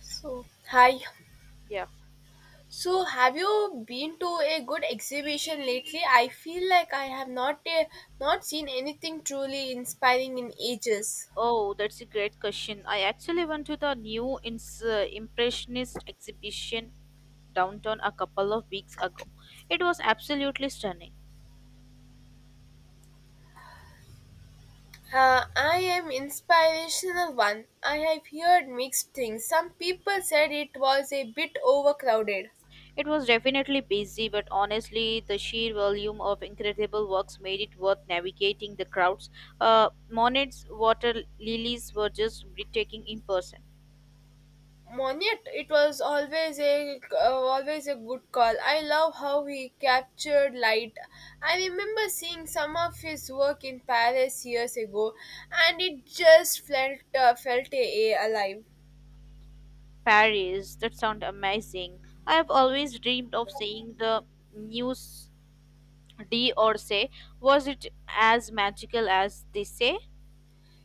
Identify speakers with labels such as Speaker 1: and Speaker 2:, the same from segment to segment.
Speaker 1: So, hi.
Speaker 2: Yeah.
Speaker 1: So, have you been to a good exhibition lately? I feel like I have not not seen anything truly inspiring in ages.
Speaker 2: Oh, that's a great question. I actually went to the new Impressionist exhibition downtown a couple of weeks ago. It was absolutely stunning.
Speaker 1: I am inspirational one. I have heard mixed things. Some people said it was a bit overcrowded.
Speaker 2: It was definitely busy, but honestly, the sheer volume of incredible works made it worth navigating the crowds. Monet's water lilies were just breathtaking in person.
Speaker 1: Monet, it was always a always a good call. I love how he captured light. I remember seeing some of his work in Paris years ago, and it just felt felt a alive.
Speaker 2: Paris, that sounds amazing. I have always dreamed of seeing the news D or say, was it as magical as they say?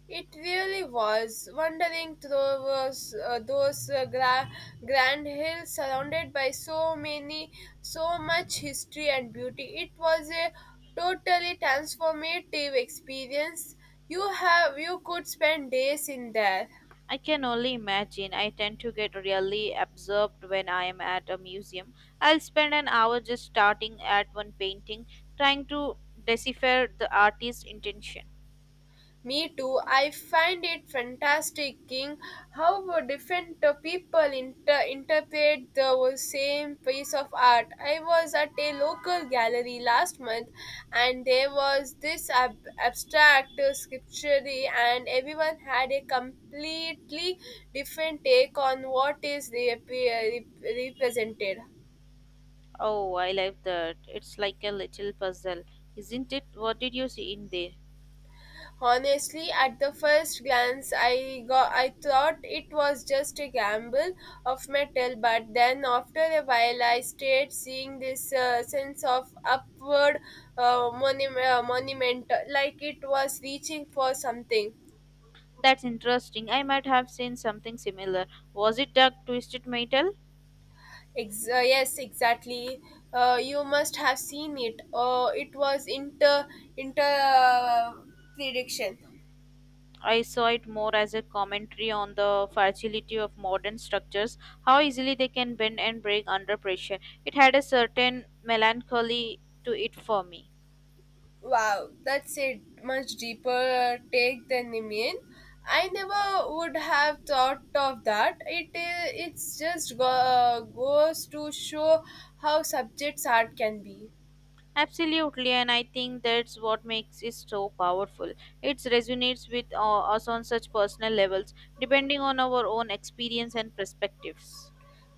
Speaker 1: It really was. Wandering through those grand hills surrounded by so many, so much history and beauty. It was a totally transformative experience. You could spend days in there.
Speaker 2: I can only imagine. I tend to get really absorbed when I am at a museum. I'll spend an hour just starting at one painting, trying to decipher the artist's intention.
Speaker 1: Me too. I find it fantastic in how different people interpret the same piece of art. I was at a local gallery last month and there was this abstract sculpture and everyone had a completely different take on what is represented.
Speaker 2: Oh, I love that. It's like a little puzzle, isn't it? What did you see in there?
Speaker 1: Honestly, at the first glance, I thought it was just a gamble of metal, but then after a while, I stayed seeing this sense of upward monument, like it was reaching for something.
Speaker 2: That's interesting. I might have seen something similar. Was it dark twisted metal?
Speaker 1: Yes, exactly. You must have seen it. It was inter inter prediction.
Speaker 2: I saw it more as a commentary on the fragility of modern structures, how easily they can bend and break under pressure. It had a certain melancholy to it for me.
Speaker 1: Wow, that's a much deeper take than Nimian. I never would have thought of that. It's just goes to show how subjects art can be.
Speaker 2: Absolutely, and I think that's what makes it so powerful. It resonates with us on such personal levels, depending on our own experience and perspectives.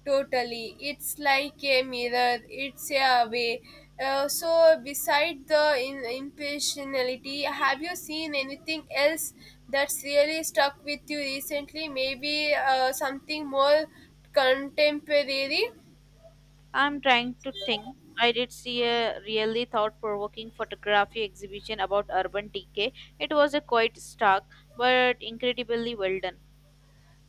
Speaker 1: Totally, it's like a mirror. It's a way. So, beside the impersonality, have you seen anything else that's really stuck with you recently? Maybe something more contemporary.
Speaker 2: I'm trying to think. I did see a really thought provoking photography exhibition about urban decay. It was a quite stark but incredibly well done.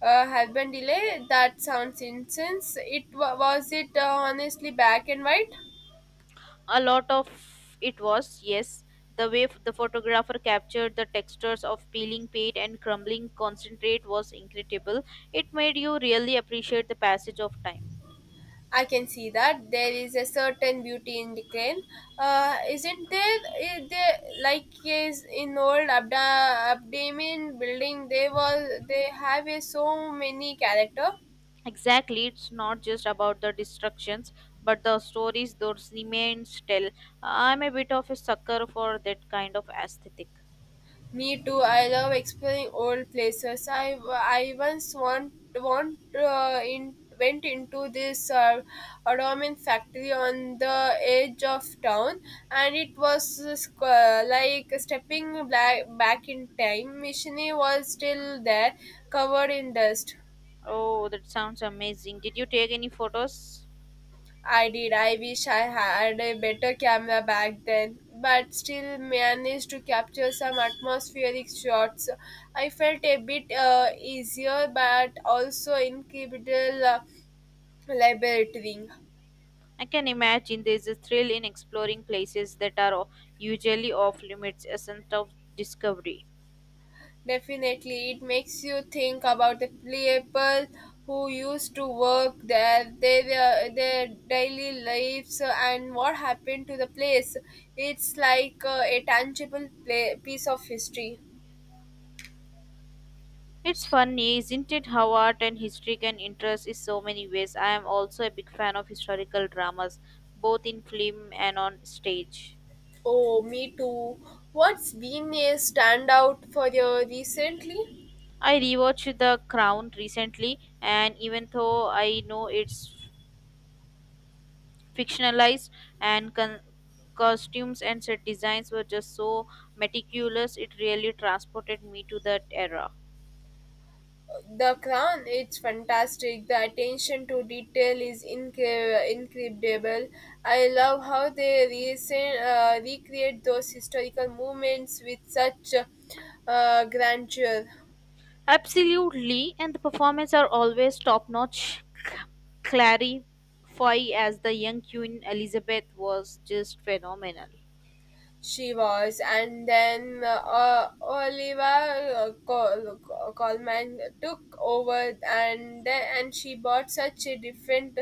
Speaker 1: Have been delay that sounds incense it was it honestly black and white.
Speaker 2: A lot of it was, yes, the way the photographer captured the textures of peeling paint and crumbling concentrate was incredible. It made you really appreciate the passage of time.
Speaker 1: I can see that there is a certain beauty in decline, isn't there, is there like is in old abdamin building they was they have a so many character.
Speaker 2: Exactly, it's not just about the destructions, but the stories those remains tell. I'm a bit of a sucker for that kind of aesthetic.
Speaker 1: Me too. I love exploring old places. I once went into this Ottoman factory on the edge of town, and it was like stepping back in time. Machine was still there, covered in dust.
Speaker 2: Oh, that sounds amazing. Did you take any photos?
Speaker 1: I did. I wish I had a better camera back then, but still managed to capture some atmospheric shots. I felt a bit easier, but also incredible liberating.
Speaker 2: I can imagine there's a thrill in exploring places that are usually off limits, a sense of discovery.
Speaker 1: Definitely, it makes you think about the people who used to work there, their daily lives, and what happened to the place. It's like a tangible piece of history.
Speaker 2: It's funny, isn't it, how art and history can interest in so many ways. I am also a big fan of historical dramas, both in film and on stage.
Speaker 1: Oh, me too. What's been a standout for you recently?
Speaker 2: I rewatched The Crown recently, and even though I know it's fictionalized and costumes and set designs were just so meticulous, it really transported me to that era.
Speaker 1: The Crown, it's fantastic. The attention to detail is incredible. I love how they recreate those historical moments with such grandeur.
Speaker 2: Absolutely, and the performances are always top notch. Clary Foy as the young Queen Elizabeth was just phenomenal.
Speaker 1: She was, and then Oliver Colman took over, and she brought such a different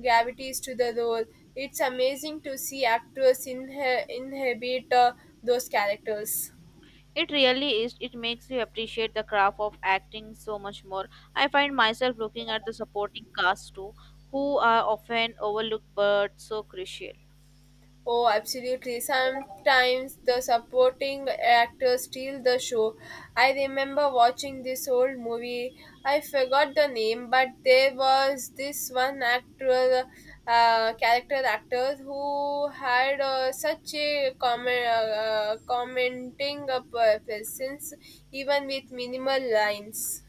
Speaker 1: gravities to the role. It's amazing to see actors inhabit those characters.
Speaker 2: It really is. It makes you appreciate the craft of acting so much more. I find myself looking at the supporting cast too, who are often overlooked but so crucial.
Speaker 1: Oh, absolutely. Sometimes the supporting actors steal the show. I remember watching this old movie. I forgot the name, but there was this one actor, character actor who had such a commenting presence, even with minimal lines.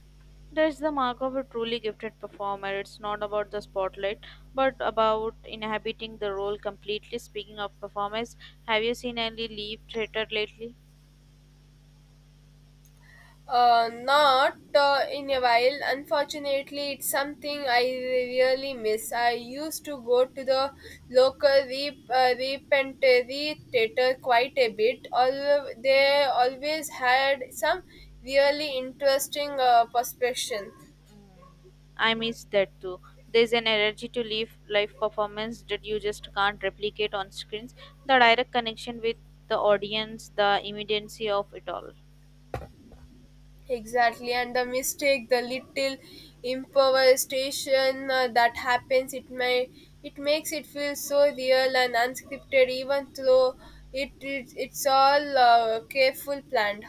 Speaker 2: That's the mark of a truly gifted performer. It's not about the spotlight, but about inhabiting the role completely. Speaking of performance, have you seen any Leave Theatre lately?
Speaker 1: Not in a while. Unfortunately, it's something I really miss. I used to go to the local repentory theater quite a bit. Although they always had some really interesting perspective.
Speaker 2: Mm, I miss that too. There's an energy to live performance that you just can't replicate on screens. The direct connection with the audience, the immediacy of it all.
Speaker 1: Exactly, and the mistake, the little improvisation that happens, it makes it feel so real and unscripted, even though it's all careful planned.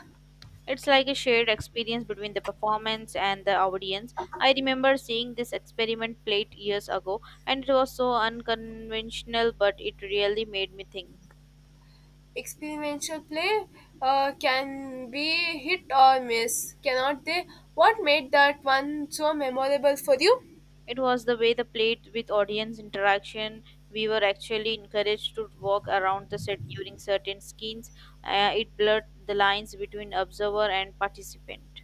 Speaker 2: It's like a shared experience between the performance and the audience. I remember seeing this experiment played years ago, and it was so unconventional, but it really made me think.
Speaker 1: Experimental play can be hit or miss, cannot they? What made that one so memorable for you?
Speaker 2: It was the way the played with audience interaction. We were actually encouraged to walk around the set during certain scenes. It blurred the lines between observer and participant.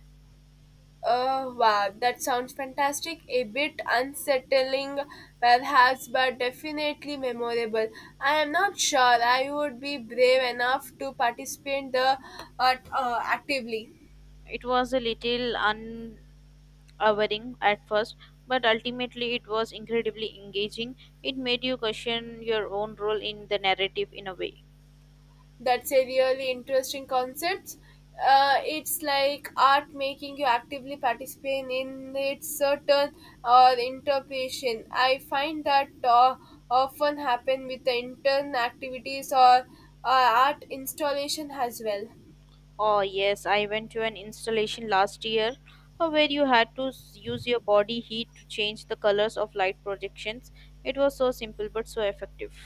Speaker 1: Oh wow, that sounds fantastic. A bit unsettling, perhaps, but definitely memorable. I am not sure I would be brave enough to participate the actively.
Speaker 2: It was a little unaware at first, but ultimately it was incredibly engaging. It made you question your own role in the narrative in a way.
Speaker 1: That's a really interesting concept. It's like art making you actively participate in its certain or interpretation. I find that often happen with the intern activities or art installation as well.
Speaker 2: Oh, yes, I went to an installation last year where you had to use your body heat to change the colors of light projections. It was so simple but so effective.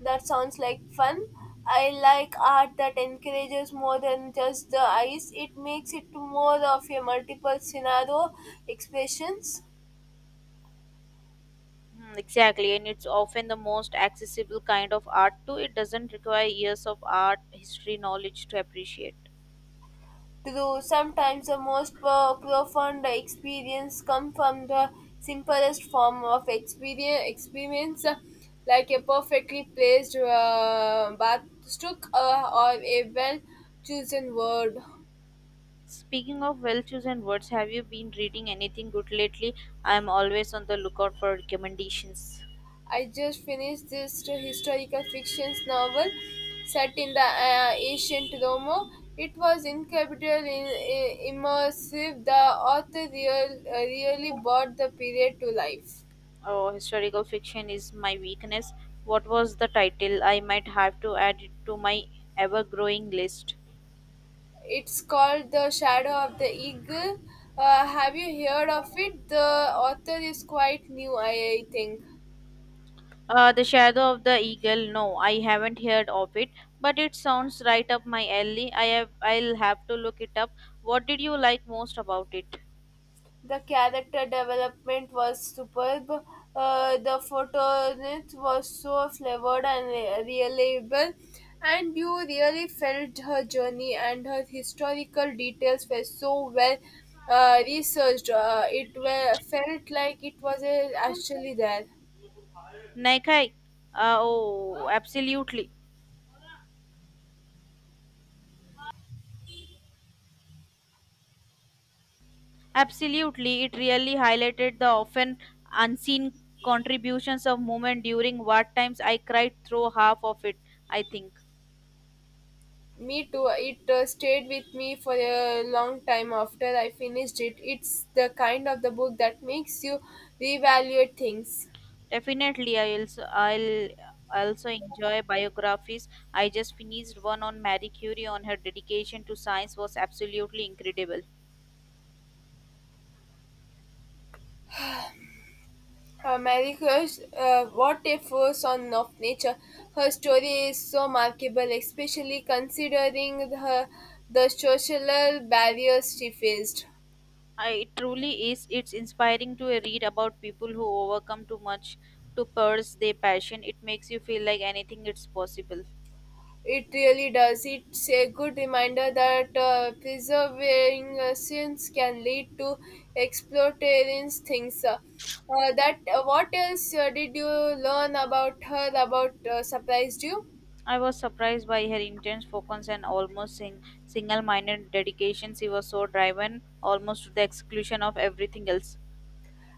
Speaker 1: That sounds like fun. I like art that encourages more than just the eyes. It makes it more of a multiple scenario expressions.
Speaker 2: Mm, exactly, and it's often the most accessible kind of art too. It doesn't require years of art history knowledge to appreciate.
Speaker 1: True, sometimes the most profound experience come from the simplest form of experience like a perfectly placed bath stroke or a well chosen word.
Speaker 2: Speaking of well chosen words, have you been reading anything good lately? I am always on the lookout for recommendations.
Speaker 1: I just finished this historical fiction novel set in the ancient Rome. It was incredibly immersive. The author really brought the period to life.
Speaker 2: Oh, historical fiction is my weakness. What was the title? I might have to add it to my ever growing list.
Speaker 1: It's called The Shadow of the Eagle. Have you heard of it? The author is quite new, I think.
Speaker 2: The Shadow of the Eagle. No, I haven't heard of it, but it sounds right up my alley. I'll have to look it up. What did you like most about it?
Speaker 1: The character development was superb. The photonist was so flavored and reliable, and you really felt her journey and her historical details were so well researched. Felt like it was actually there.
Speaker 2: Naikai. Oh, absolutely. Absolutely. It really highlighted the often unseen contributions of women during war times. I cried through half of it, I think.
Speaker 1: Me too. It stayed with me for a long time after I finished it. It's the kind of the book that makes you reevaluate things.
Speaker 2: Definitely, I'll also enjoy biographies. I just finished one on Marie Curie on her dedication to science was absolutely incredible.
Speaker 1: Mary Curie, what a force on of nature. Her story is so remarkable, especially considering her the social barriers she faced.
Speaker 2: I, it truly is. It's inspiring to read about people who overcome too much to pursue their passion. It makes you feel like anything is possible.
Speaker 1: It really does. It's a good reminder that preserving sins can lead to exploitarian things. That What else did you learn about her? About surprised you?
Speaker 2: I was surprised by her intense focus and almost single-minded dedication. She was so driven, almost to the exclusion of everything else.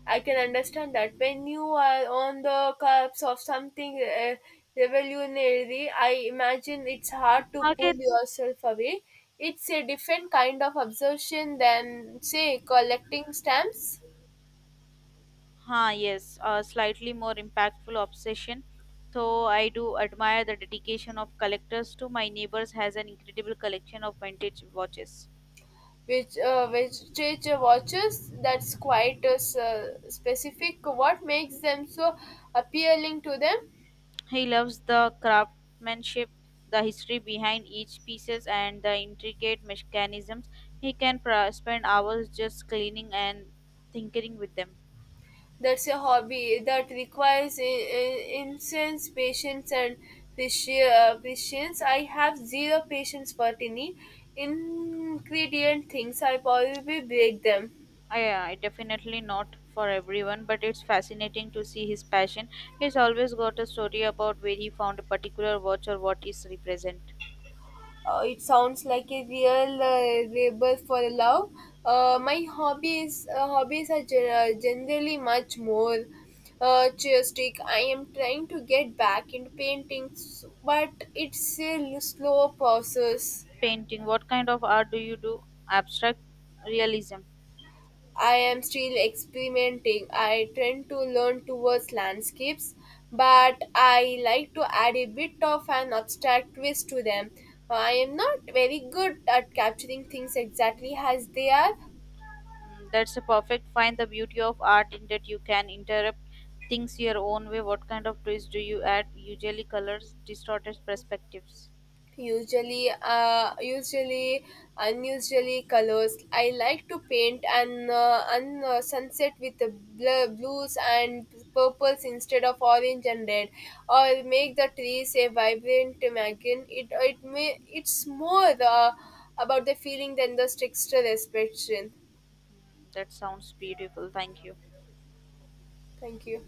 Speaker 1: I can understand that when you are on the cusp of something revolutionary, I imagine it's hard to pull
Speaker 2: Okay.
Speaker 1: yourself away. It's a different kind of obsession than, say, collecting stamps,
Speaker 2: Huh, yes, a slightly more impactful obsession. Though I do admire the dedication of collectors to my neighbors has an incredible collection of vintage watches.
Speaker 1: which literature watches. That's quite a specific. What makes them so appealing to them?
Speaker 2: He loves the craftsmanship, the history behind each pieces and the intricate mechanisms. He can spend hours just cleaning and tinkering with them.
Speaker 1: That's a hobby that requires intense patience and patience. I have zero patience for tiny ingredient things. I probably break them.
Speaker 2: I definitely not for everyone, but it's fascinating to see his passion. He's always got a story about where he found a particular watch or what is represent.
Speaker 1: It sounds like a real labor for love. My hobbies are generally much more artistic. I am trying to get back into paintings, but it's a slow process.
Speaker 2: Painting, what kind of art do you do? Abstract? Realism?
Speaker 1: I am still experimenting. I tend to learn towards landscapes, but I like to add a bit of an abstract twist to them. I am not very good at capturing things exactly as they are,
Speaker 2: Mm, that's a perfect find the beauty of art in that you can interrupt things your own way. What kind of twist do you add? Usually colors, distorted perspectives?
Speaker 1: usually unusually colors. I like to paint an sunset with the blues and purples instead of orange and red, or make the trees a vibrant imagine it it may it's more about the feeling than the texture expression.
Speaker 2: Mm, that sounds beautiful. Thank you.
Speaker 1: Thank you.